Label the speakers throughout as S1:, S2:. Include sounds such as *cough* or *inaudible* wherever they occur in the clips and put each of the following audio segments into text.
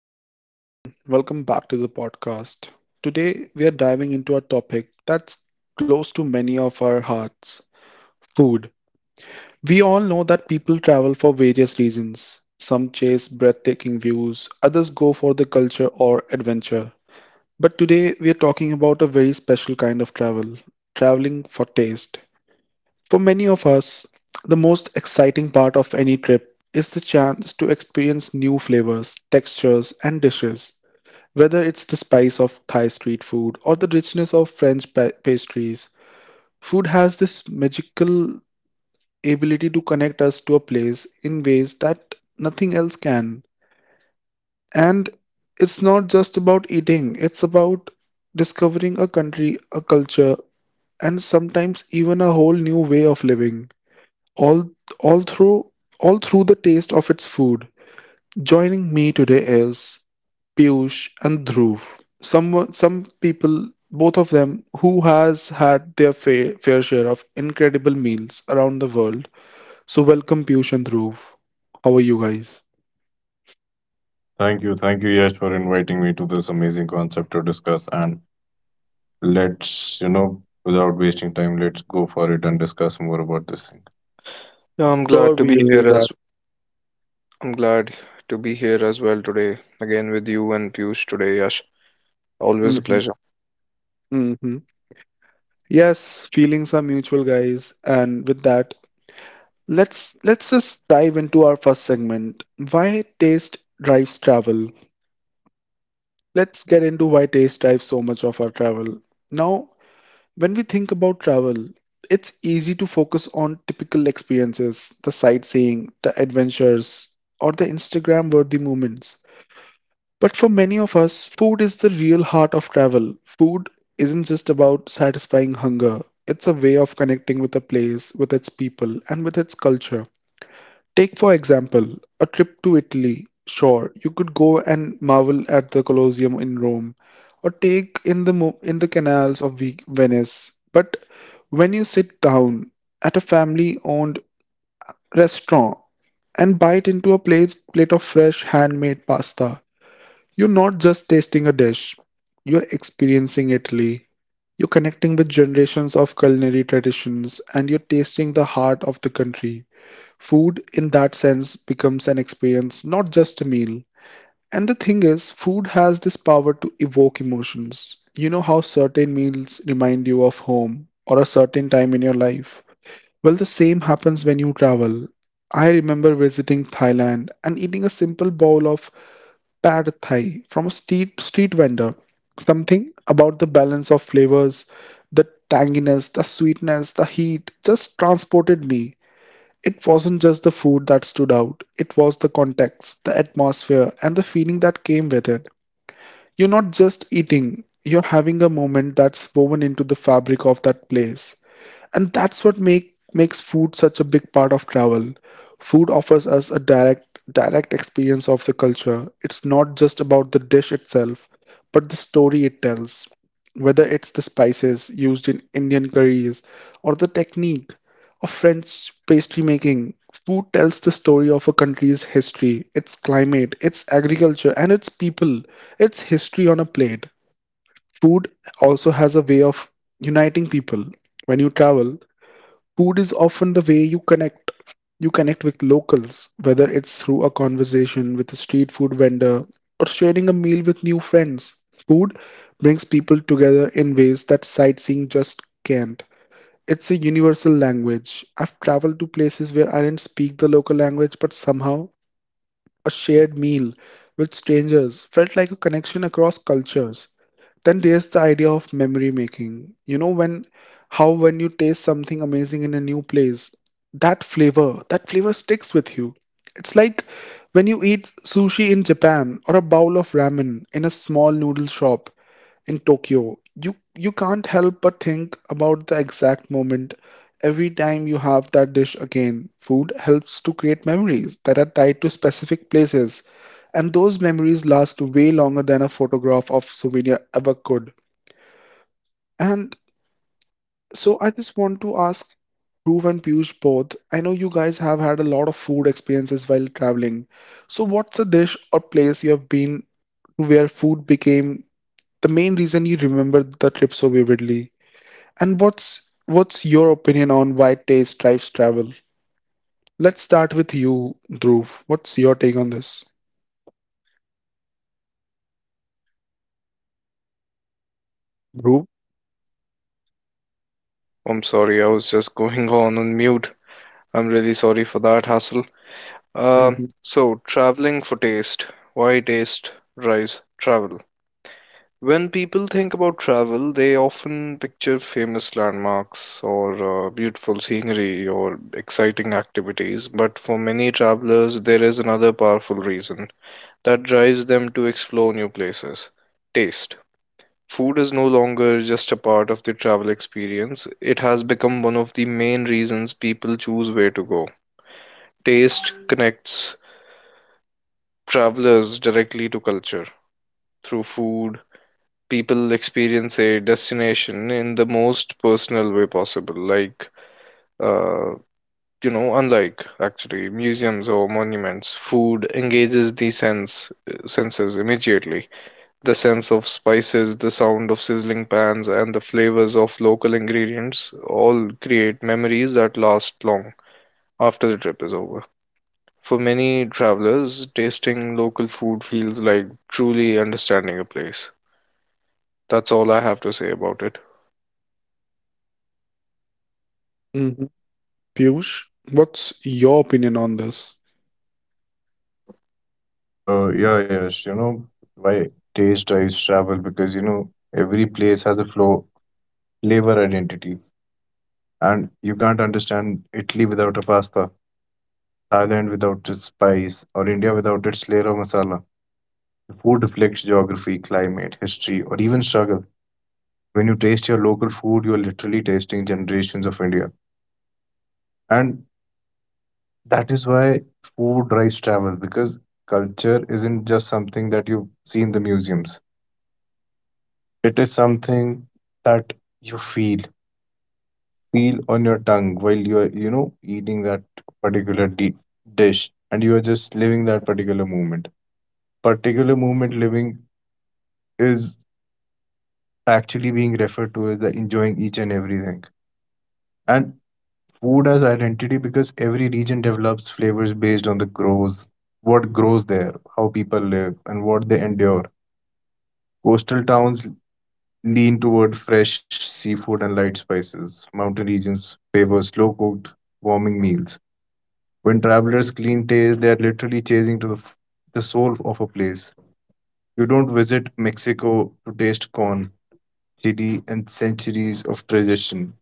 S1: Hello, everyone. Welcome back to the podcast. Today, we are diving into a topic that's close to many of our hearts food. We all know that people travel for various reasons. Some chase breathtaking views, others go for the culture or adventure. But today, we are talking about a very special kind of travel traveling for taste. For many of us, the most exciting part of any trip is the chance to experience new flavors, textures, and dishes. Whether it's the spice of Thai street food or the richness of French pastries, food has this magical ability to connect us to a place in ways that nothing else can. And it's not just about eating, it's about discovering a country, a culture, and sometimes even a whole new way of living. All all through all through the taste of its food. Joining me today is Piyush and Dhruv. Some people, both of them, who has had their fair share of incredible meals around the world. So welcome Piyush and Dhruv. How are you guys?
S2: Thank you. Thank you, Yash, for inviting me to this amazing concept to discuss. And without wasting time, let's go for it and discuss more about this thing.
S3: Yeah, I'm glad
S1: Sure,
S3: to
S1: we
S3: be
S1: will do
S3: here
S1: that.
S3: as I'm glad to be here as well today again with you and Piyush today, Yash. Always a
S1: hmm
S3: pleasure.
S1: hmm Yes, feelings are mutual, guys. And with that, let's just dive into our first segment. Why taste drives travel? Let's get into why taste drives so much of our travel. Now, when we think about travel, it's easy to focus on typical experiences, the sightseeing, the adventures, or the Instagram worthy moments. But for many of us, food is the real heart of travel. Food isn't just about satisfying hunger, it's a way of connecting with a place, with its people, and with its culture. Take, for example, a trip to Italy. Sure, you could go and marvel at the Colosseum in Rome, or take in the canals of Venice. But when you sit down at a family-owned restaurant and bite into a plate of fresh handmade pasta, you're not just tasting a dish. You're experiencing Italy. You're connecting with generations of culinary traditions, and you're tasting the heart of the country. Food, in that sense, becomes an experience, not just a meal. And the thing is, food has this power to evoke emotions. You know how certain meals remind you of home or a certain time in your life? Well, the same happens when you travel. I remember visiting Thailand and eating a simple bowl of pad thai from a street vendor. Something about the balance of flavors, the tanginess, the sweetness, the heat just transported me. It wasn't just the food that stood out, it was the context, the atmosphere, and the feeling that came with it. You're not just eating, you're having a moment that's woven into the fabric of that place. And that's what makes food such a big part of travel. Food offers us a direct experience of the culture. It's not just about the dish itself, but the story it tells. Whether it's the spices used in Indian curries or the technique of French pastry making, food tells the story of a country's history, its climate, its agriculture, and its people, its history on a plate. Food also has a way of uniting people. When you travel, food is often the way you connect. You connect with locals, whether it's through a conversation with a street food vendor or sharing a meal with new friends. Food brings people together in ways that sightseeing just can't. It's a universal language. I've traveled to places where I didn't speak the local language, but somehow a shared meal with strangers felt like a connection across cultures. Then there's the idea of memory making. You know when how when you taste something amazing in a new place, that flavor sticks with you. It's like when you eat sushi in Japan or a bowl of ramen in a small noodle shop in Tokyo, you can't help but think about the exact moment every time you have that dish again. Food helps to create memories that are tied to specific places, and those memories last way longer than a photograph of souvenir ever could. And so I just want to ask Dhruv and Piyush both. I know you guys have had a lot of food experiences while traveling. So what's a dish or place you have been to where food became the main reason you remember the trip so vividly? And what's your opinion on why taste drives travel? Let's start with you, Dhruv. What's your take on this? Dhruv?
S3: I'm sorry, I was just going on mute. I'm really sorry for that hassle. Um,
S1: Mm-hmm.
S3: so traveling for taste. Why taste drives travel? When people think about travel, they often picture famous landmarks or beautiful scenery or exciting activities. But for many travelers, there is another powerful reason that drives them to explore new places. Taste. Food is no longer just a part of the travel experience, it has become one of the main reasons people choose where to go. Taste connects travelers directly to culture. Through food, people experience a destination in the most personal way possible, uh, unlike actually museums or monuments, food engages the senses immediately. The sense of spices, the sound of sizzling pans, and the flavors of local ingredients all create memories that last long after the trip is over. For many travelers, tasting local food feels like truly understanding a place. That's all I have to say about it.
S1: Mm-hmm. Piyush, what's your opinion on this?
S2: Yeah, Yash, why taste drives travel? Because every place has a flavor identity. And you can't understand Italy without a pasta, Thailand without its spice, or India without its layer of masala. The Food reflects geography, climate, history, or even struggle. When you taste your local food, you're literally tasting generations of India. And that is why food drives travel because culture isn't just something that you see in the museums. It is something that you feel on your tongue while you are eating that particular di- dish, and you are just living that particular moment. Particular moment living is actually being referred to as the enjoying each and everything. And Food as identity because every region develops flavors based on what grows there, how people live, and what they endure. Coastal towns lean toward fresh seafood and light spices. Mountain regions favor slow cooked, warming meals. When travelers clean taste, they are literally chasing to the soul of a place. You don't visit Mexico to taste corn, chili, and centuries of tradition.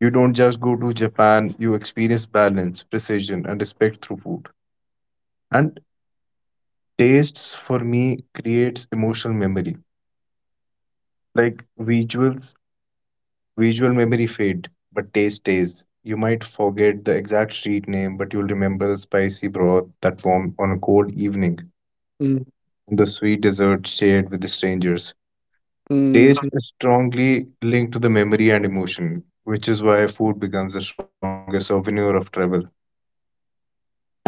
S2: You don't just go to Japan, you experience balance, precision, and respect through food. And tastes for me creates emotional memory, like visuals visual memory fade, but taste stays. You might forget the exact street name, but you'll remember the spicy broth that warmed on a cold evening
S1: Mm-hmm.
S2: and the sweet dessert shared with the strangers. Taste is strongly linked to the memory and emotion, which is why food becomes the strongest souvenir of travel. And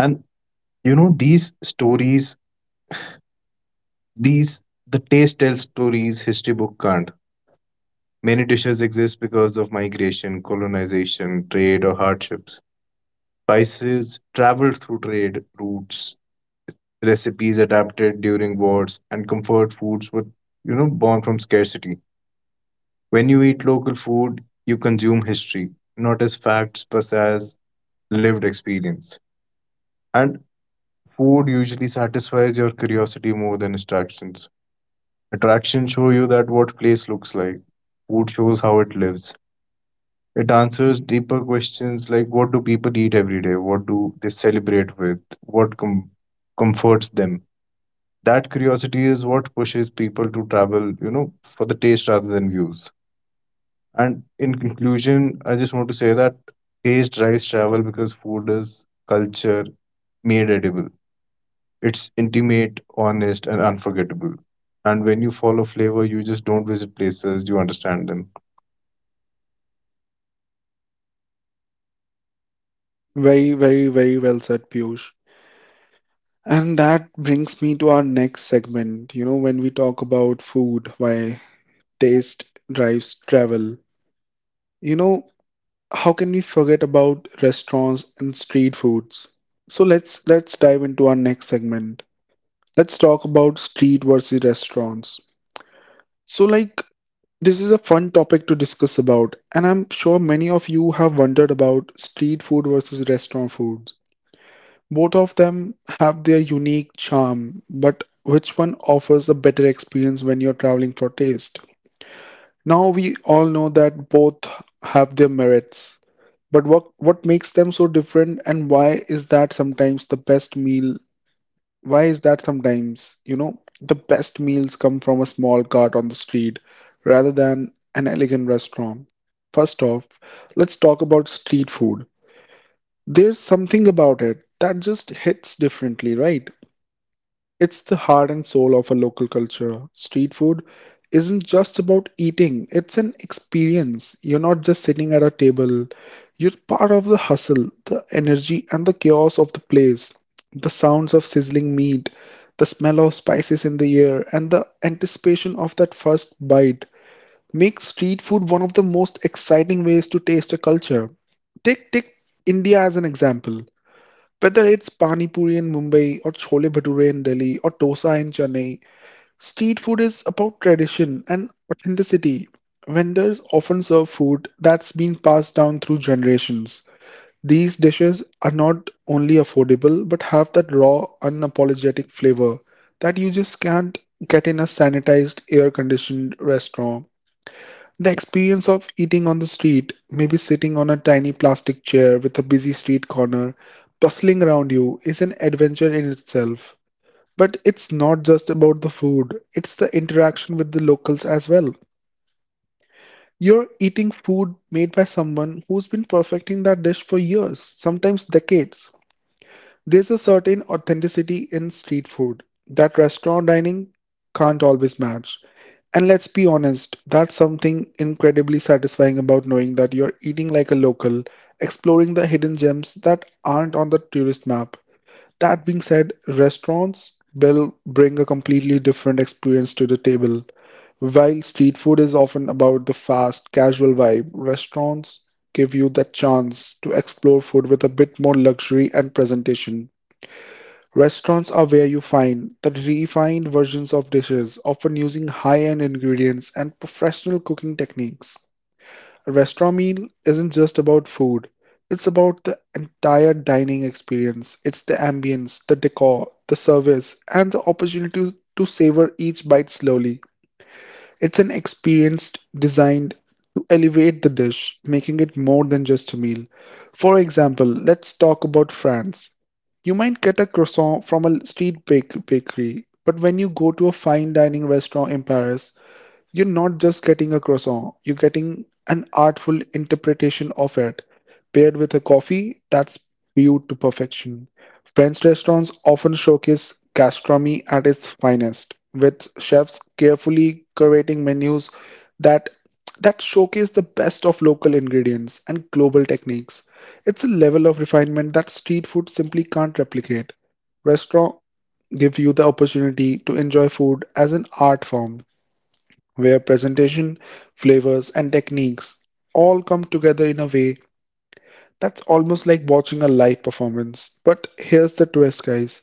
S2: you know these stories these the taste tells stories history book can't. Many dishes exist because of migration, colonization, trade, or hardships. Spices traveled through trade routes, recipes adapted during wars, and comfort foods were born from scarcity. When you eat local food, you consume history, not as facts, but as lived experience. And food usually satisfies your curiosity more than attractions. Attractions show you that what place looks like. Food shows how it lives. It answers deeper questions like what do people eat every day? What do they celebrate with? Comforts them? That curiosity is what pushes people to travel, for the taste rather than views. And in conclusion, I just want to say that taste drives travel because food is culture made edible. It's intimate, honest, and unforgettable. And when you follow flavor, you just don't visit places, you understand them.
S1: Very, very, very well said, Piyush. And that brings me to our next segment. You know, when we talk about food, why taste drives travel. You know, how can we forget about restaurants and street foods? So let's dive into our next segment. Let's talk about street versus restaurants. So, like, this is a fun topic to discuss about, and I'm sure many of you have wondered about street food versus restaurant food. Both of them have their unique charm, but which one offers a better experience when you're traveling for taste? Now, we all know that both have their merits, but what makes them so different, and Why is that sometimes? You know, the best meals come from a small cart on the street rather than an elegant restaurant. First off, let's talk about street food. There's something about it that just hits differently, right? It's the heart and soul of a local culture. Street food isn't just about eating, it's an experience. You're not just sitting at a table, you're part of the hustle, the energy, and the chaos of the place. The sounds of sizzling meat, the smell of spices in the air, and the anticipation of that first bite make street food one of the most exciting ways to taste a culture. Take India as an example. Whether it's Pani Puri in Mumbai or Chole Bhature in Delhi or Dosa in Chennai, street food is about tradition and authenticity. Vendors often serve food that's been passed down through generations. These dishes are not only affordable but have that raw, unapologetic flavor that you just can't get in a sanitized, air conditioned restaurant. The experience of eating on the street, maybe sitting on a tiny plastic chair with a busy street corner bustling around you, is an adventure in itself. But it's not just about the food, it's the interaction with the locals as well. You're eating food made by someone who's been perfecting that dish for years, sometimes decades. There's a certain authenticity in street food that restaurant dining can't always match. And let's be honest, that's something incredibly satisfying about knowing that you're eating like a local, exploring the hidden gems that aren't on the tourist map. That being said, restaurants will bring a completely different experience to the table. While street food is often about the fast, casual vibe, restaurants give you the chance to explore food with a bit more luxury and presentation. Restaurants are where you find the refined versions of dishes, often using high-end ingredients and professional cooking techniques. A restaurant meal isn't just about food, it's about the entire dining experience. It's the ambience, the decor, the service, and the opportunity to savor each bite slowly. It's an experience designed to elevate the dish, making it more than just a meal. For example, let's talk about France. You might get a croissant from a street bakery, but when you go to a fine dining restaurant in Paris, you're not just getting a croissant, you're getting an artful interpretation of it, paired with a coffee that's brewed to perfection. French restaurants often showcase gastronomy at its finest, with chefs carefully curating menus that that showcase the best of local ingredients and global techniques. It's a level of refinement that street food simply can't replicate. Restaurants give you the opportunity to enjoy food as an art form where presentation, flavors, and techniques all come together in a way that's almost like watching a live performance. But here's the twist, guys.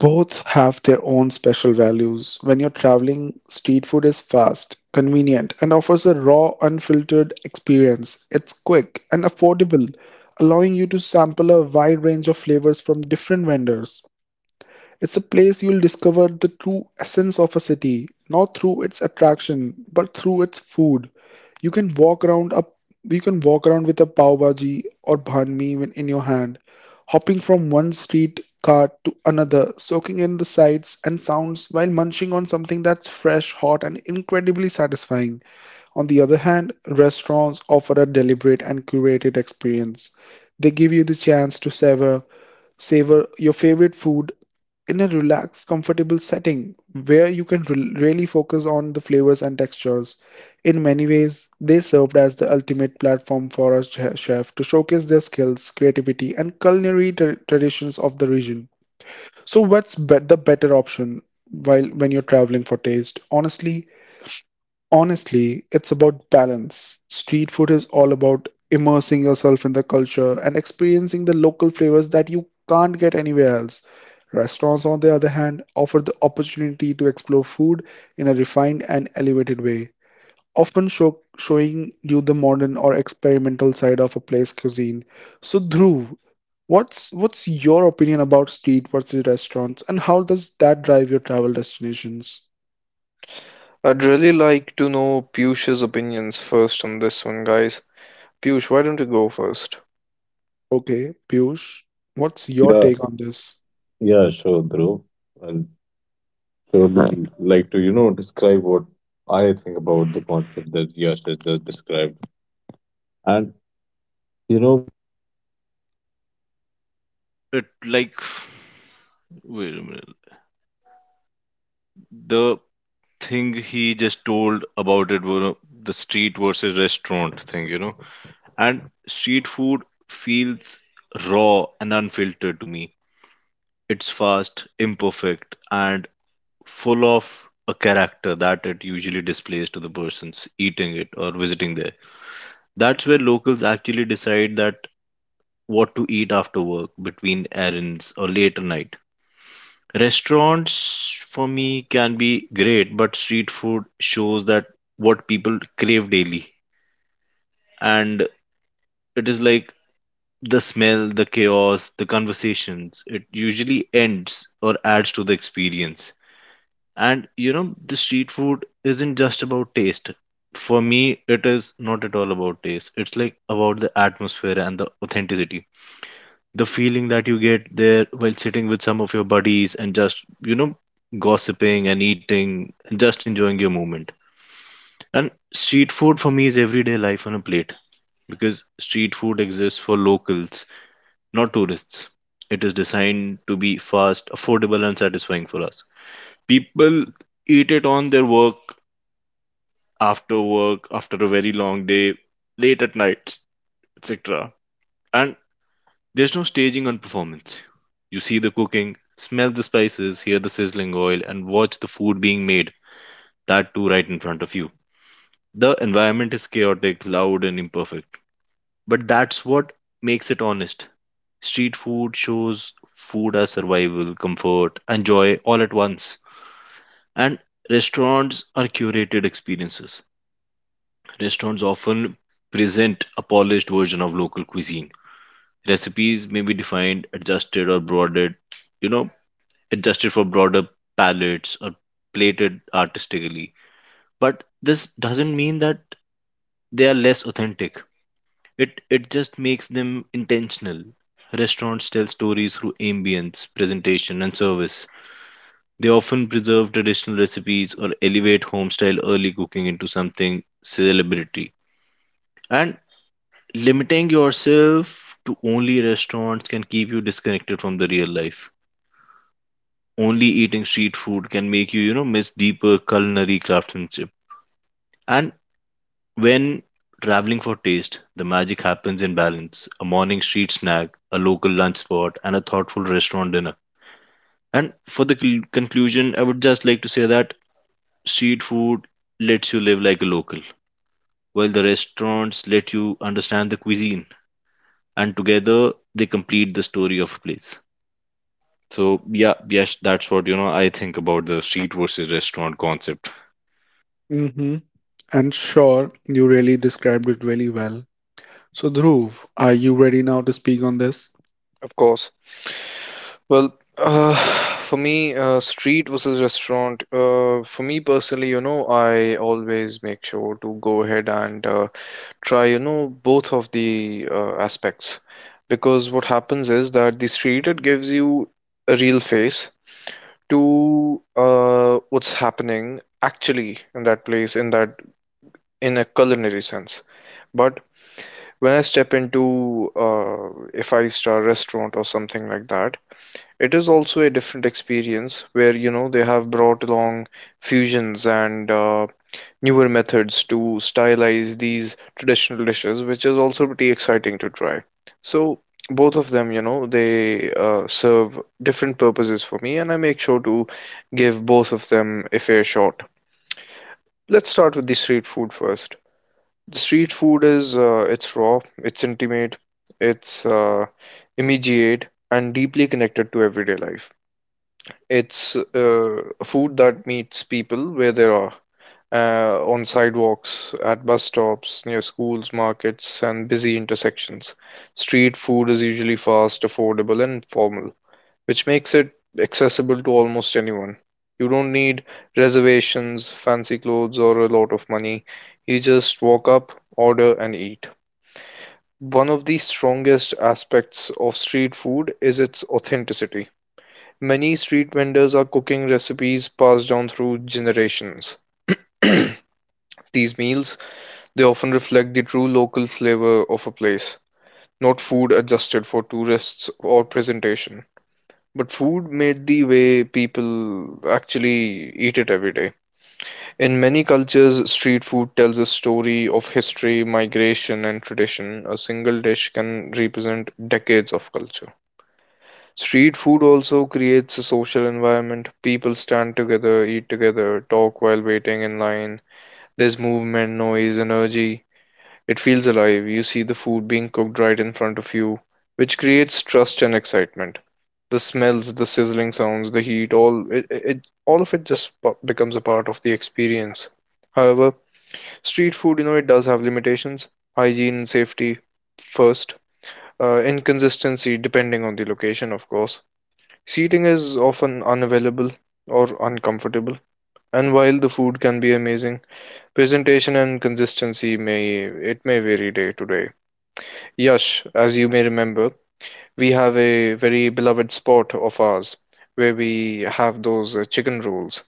S1: Both have their own special values. When you're traveling, street food is fast, convenient, and offers a raw, unfiltered experience. It's quick and affordable, allowing you to sample a wide range of flavors from different vendors. It's a place you'll discover the true essence of a city, not through its attraction, but through its food. You can walk around a you can walk around with a pav bhaji or banh mi in your hand, hopping from one street cart to another, soaking in the sights and sounds while munching on something that's fresh, hot, and incredibly satisfying. On the other hand, restaurants offer a deliberate and curated experience. They give you the chance to savor your favorite food in a relaxed, comfortable setting where you can really focus on the flavors and textures. In many ways, they served as the ultimate platform for a chef to showcase their skills, creativity, and culinary traditions of the region. So, the better option while when you're traveling for taste? Honestly, it's about balance. Street food is all about immersing yourself in the culture and experiencing the local flavors that you can't get anywhere else. Restaurants, on the other hand, offer the opportunity to explore food in a refined and elevated way, often showing you the modern or experimental side of a place cuisine. So, Dhruv, what's your opinion about street versus restaurants, and how does that drive your travel destinations?
S3: I'd really like to know Piyush's opinions first on this one, guys. Piyush, why don't you go first?
S1: Okay, Piyush, what's your
S2: Yeah,
S1: take on this?
S2: yeah, sure, Dhruv. I'll So I would like to, describe what I think about the concept that Yash has just described. And, you know, It like wait a minute. The thing he just told about it were the street versus restaurant thing. And street food feels raw and unfiltered to me. It's fast, imperfect, and full of a character that it usually displays to the persons eating it or visiting there. That's where locals actually decide that what to eat after work, between errands, or late at night. Restaurants for me can be great, but street food shows that what people crave daily. And it is like the smell, the chaos, the conversations. It usually ends or adds to the experience. The street food isn't just about taste. For me, it is not at all about taste. It's like about the atmosphere and the authenticity, the feeling that you get there while sitting with some of your buddies and just gossiping and eating and just enjoying your moment. And street food for me is everyday life on a plate because street food exists for locals, not tourists. It is designed to be fast, affordable, and satisfying for us. People eat it on their work after work, after a very long day, late at night, etc. And there's no staging on performance. You see the cooking, smell the spices, hear the sizzling oil, and watch the food being made, that too right in front of you. The environment is chaotic, loud, and imperfect, but that's what makes it honest. Street food shows food as survival, comfort, and joy all at once. And restaurants are curated experiences. Restaurants often present a polished version of local cuisine. Recipes may be defined, adjusted, or broadened you know adjusted for broader palettes or plated artistically. But this doesn't mean that they are less authentic. It just makes them intentional. Restaurants tell stories through ambience, presentation, and service. They often preserve traditional recipes or elevate home style early cooking into something celebrity. And limiting yourself to only restaurants can keep you disconnected from the real life. Only eating street food can make you, miss deeper culinary craftsmanship. And when traveling for taste, the magic happens in balance: a morning street snack, a local lunch spot, and a thoughtful restaurant dinner. And for the conclusion, I would just like to say that street food lets you live like a local, while the restaurants let you understand the cuisine, and together they complete the story of a place. So, yes, that's what I think about the street versus restaurant concept.
S1: Mm-hmm. And sure, you really described it really well. So, Dhruv, are you ready now to speak on this?
S3: Of course. *sighs* For me, street versus restaurant. For me personally, you know, I always make sure to go ahead and try, you know, both of the aspects. Because what happens is that the street, it gives you a real face to what's happening actually in that place, in that, in a culinary sense. But when I step into, a five-star restaurant or something like that, it is also a different experience where, you know, they have brought along fusions and newer methods to stylize these traditional dishes, which is also pretty exciting to try. So, both of them, you know, they serve different purposes for me, and I make sure to give both of them a fair shot. Let's start with the street food first. The street food is it's raw, it's intimate, it's immediate, and deeply connected to everyday life. It's food that meets people where they are, on sidewalks, at bus stops, near schools, markets, and busy intersections. Street food is usually fast, affordable, and formal, which makes it accessible to almost anyone. You don't need reservations, fancy clothes, or a lot of money. You just walk up, order, and eat. One of the strongest aspects of street food is its authenticity. Many street vendors are cooking recipes passed down through generations. *clears throat* These meals, they often reflect the true local flavor of a place, not food adjusted for tourists or presentation, but food made the way people actually eat it every day. In many cultures, street food tells a story of history, migration, and tradition. A single dish can represent decades of culture. Street food also creates a social environment. People stand together, eat together, talk while waiting in line. There's movement, noise, energy. It feels alive. You see the food being cooked right in front of you, which creates trust and excitement. The smells, the sizzling sounds, the heat, all of it just becomes a part of the experience. However, street food, you know, it does have limitations. Hygiene and safety first. Inconsistency depending on the location, of course. Seating is often unavailable or uncomfortable, and while the food can be amazing, presentation and consistency may vary day to day. Yash, as you may remember, we have a very beloved spot of ours where we have those chicken rolls,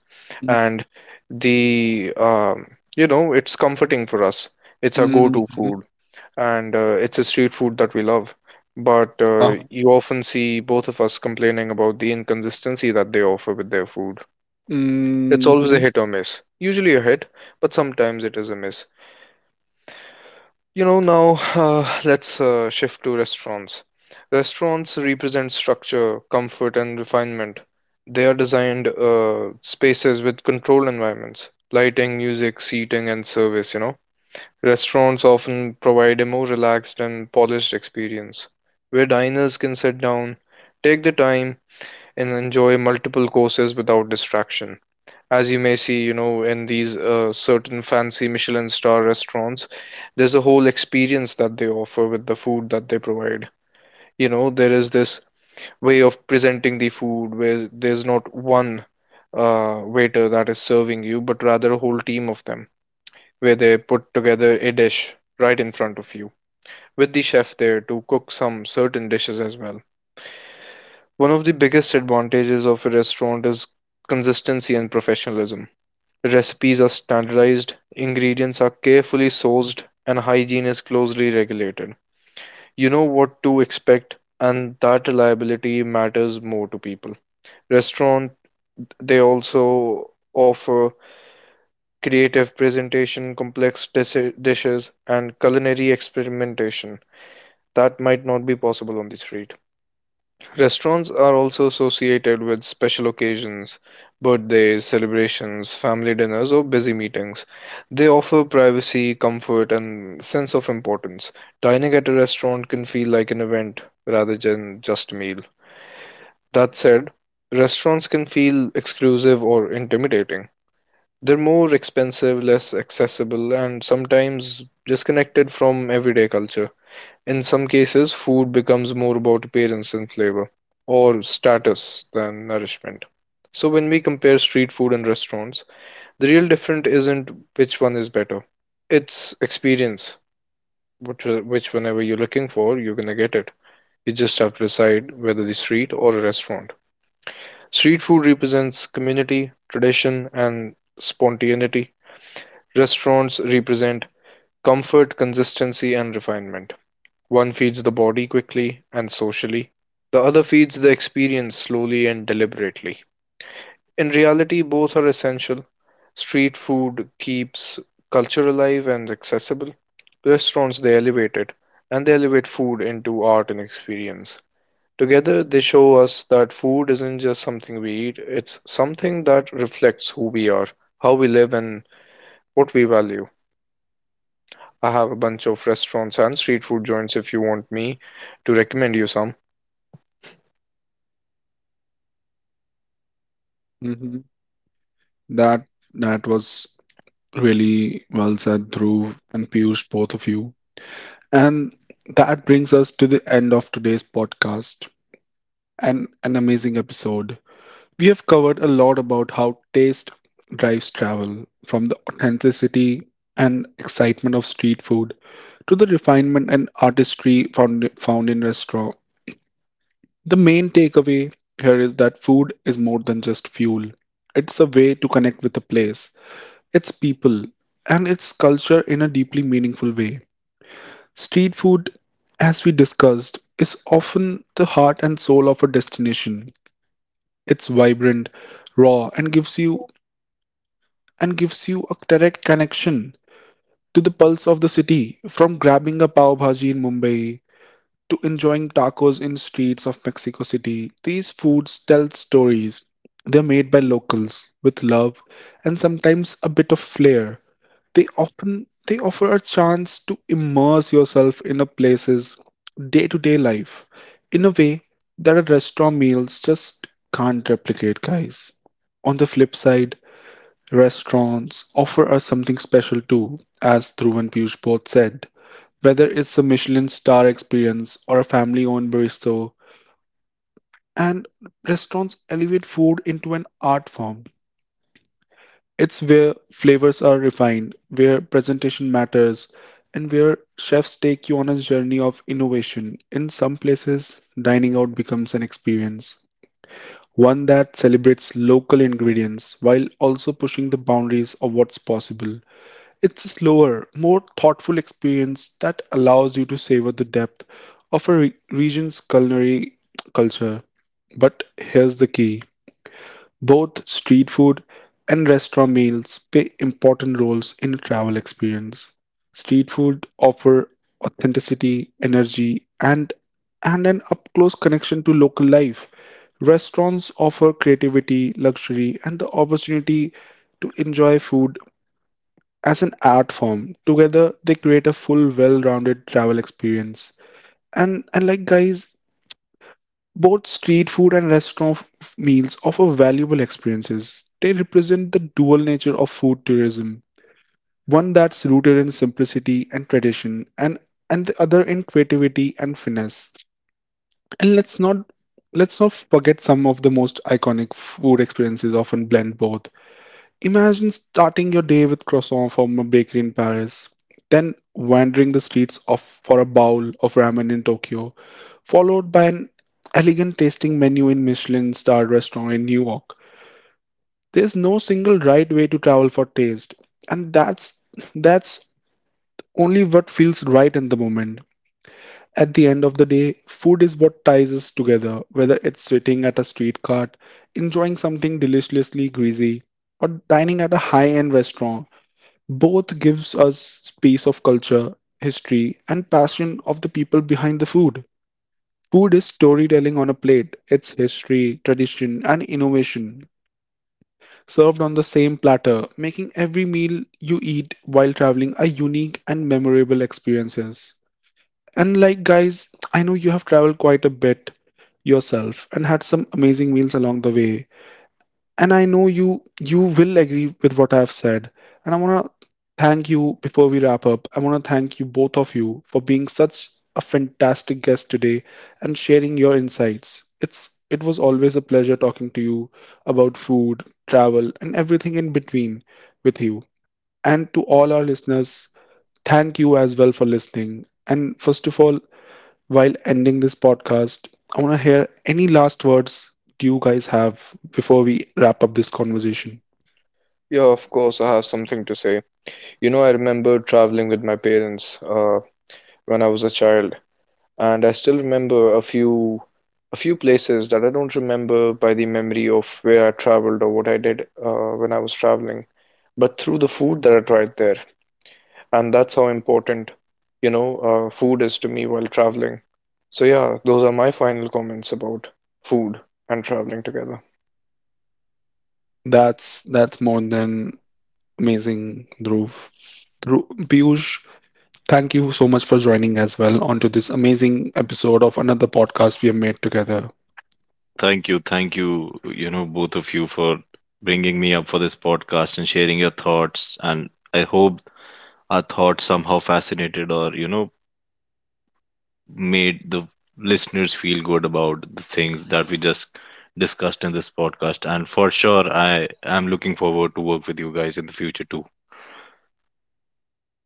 S3: and the you know, it's comforting for us. It's our go-to
S1: Mm-hmm.
S3: food, and it's a street food that we love. But
S1: Uh-huh.
S3: you often see both of us complaining about the inconsistency that they offer with their food. It's always a
S1: Mm-hmm.
S3: hit or miss. Usually a hit, but sometimes it is a miss. You know, now *sighs* let's shift to restaurants. Restaurants represent structure, comfort, and refinement. They are designed spaces with controlled environments, lighting, music, seating, and service, you know. Restaurants often provide a more relaxed and polished experience, where diners can sit down, take the time, and enjoy multiple courses without distraction. As you may see, you know, in these certain fancy Michelin star restaurants, there's a whole experience that they offer with the food that they provide. You know, there is this way of presenting the food where there's not one waiter that is serving you, but rather a whole team of them, where they put together a dish right in front of you with the chef there to cook some certain dishes as well. One of the biggest advantages of a restaurant is consistency and professionalism. Recipes are standardized, ingredients are carefully sourced, and hygiene is closely regulated. You know what to expect, and that reliability matters more to people. Restaurant they also offer creative presentation, dishes, and culinary experimentation that might not be possible on the street. Restaurants are also associated with special occasions, birthdays, celebrations, family dinners, or busy meetings. They offer privacy, comfort, and sense of importance. Dining at a restaurant can feel like an event rather than just a meal. That said, restaurants can feel exclusive or intimidating. They're more expensive, less accessible, and sometimes disconnected from everyday culture. In some cases, food becomes more about appearance and flavor or status than nourishment. So, when we compare street food and restaurants, the real difference isn't which one is better, it's experience. Whenever you're looking for, you're gonna get it. You just have to decide whether the street or a restaurant. Street food represents community, tradition, and spontaneity. Restaurants represent comfort, consistency, and refinement. One feeds the body quickly and socially, the other feeds the experience slowly and deliberately. In reality, both are essential. Street food keeps culture alive and accessible. Restaurants, they elevate it, and they elevate food into art and experience. Together, they show us that food isn't just something we eat, it's something that reflects who we are, how we live, and what we value. I have a bunch of restaurants and street food joints if you want me to recommend you some.
S1: That that was really well said, Dhruv and Piyush, both of you. And that brings us to the end of today's podcast and an amazing episode. We have covered a lot about how taste drives travel, from the authenticity and excitement of street food to the refinement and artistry found in restaurant. The main takeaway here is that food is more than just fuel. It's a way to connect with a place its people, and its culture in a deeply meaningful way. Street food, as we discussed, is often the heart and soul of a destination. It's vibrant, raw, and gives you a direct connection to the pulse of the city. From grabbing a pav bhaji in Mumbai to enjoying tacos in streets of Mexico City, these foods tell stories. They're made by locals with love and sometimes a bit of flair. They offer a chance to immerse yourself in a place's day-to-day life in a way that a restaurant meals just can't replicate, guys. On the flip side, restaurants offer us something special too, as Dhruv and Piyush both said. Whether it's a Michelin star experience or a family owned bistro, and restaurants elevate food into an art form. It's where flavors are refined, where presentation matters, and where chefs take you on a journey of innovation. In some places, dining out becomes an experience, one that celebrates local ingredients while also pushing the boundaries of what's possible. It's a slower, more thoughtful experience that allows you to savor the depth of a region's culinary culture. But here's the key both street food and restaurant meals play important roles in the travel experience. Street food offer authenticity, energy, and an up-close connection to local life. Restaurants offer creativity, luxury, and the opportunity to enjoy food as an art form. Together, they create a full, well-rounded travel experience. And like guys, both street food and meals offer valuable experiences. They represent the dual nature of food tourism, one that's rooted in simplicity and tradition and the other in creativity and finesse. And let's not forget some of the most iconic food experiences often blend both. Imagine starting your day with croissant from a bakery in Paris, then wandering for a bowl of ramen in Tokyo, followed by an elegant tasting menu in Michelin-starred restaurant in New York. There's no single right way to travel for taste, and that's only what feels right in the moment. At the end of the day, food is what ties us together, whether it's sitting at a street cart, enjoying something deliciously greasy, or dining at a high-end restaurant both gives us space of culture, history, and passion of the people behind the food. Food is storytelling on a plate. It's history, tradition, and innovation served on the same platter, making every meal you eat while traveling a unique and memorable experiences. And like guys, I know you have traveled quite a bit yourself and had some amazing meals along the way and I know you will agree with what I've said. And I want to thank you before we wrap up. I want to thank you both of you for being such a fantastic guest today and sharing your insights. It was always a pleasure talking to you about food, travel, and everything in between with you. And to all our listeners, thank you as well for listening. And first of all, while ending this podcast, I want to hear any last words do you guys have before we wrap up this conversation?
S3: Yeah, of course, I have something to say. You know, I remember traveling with my parents when I was a child, and I still remember a few places that I don't remember by the memory of where I traveled or what I did when I was traveling, but through the food that I tried there, and that's how important, you know, food is to me while traveling. So yeah, those are my final comments about food and traveling together.
S1: That's more than amazing, Dhruv. Piyush, thank you so much for joining as well onto this amazing episode of another podcast we have made together.
S2: Thank you, both of you, for bringing me up for this podcast and sharing your thoughts. And I hope our thoughts somehow fascinated or, made the listeners feel good about the things that we just discussed in this podcast. And for sure, I am looking forward to work with you guys in the future too.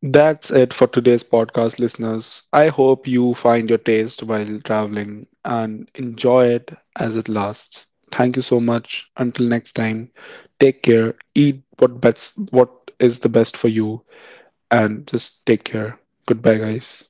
S1: That's it for today's podcast, listeners. I hope you find your taste while traveling and enjoy it as it lasts. Thank you so much. Until next time, take care. Eat what is the best for you and just take care. Goodbye, guys.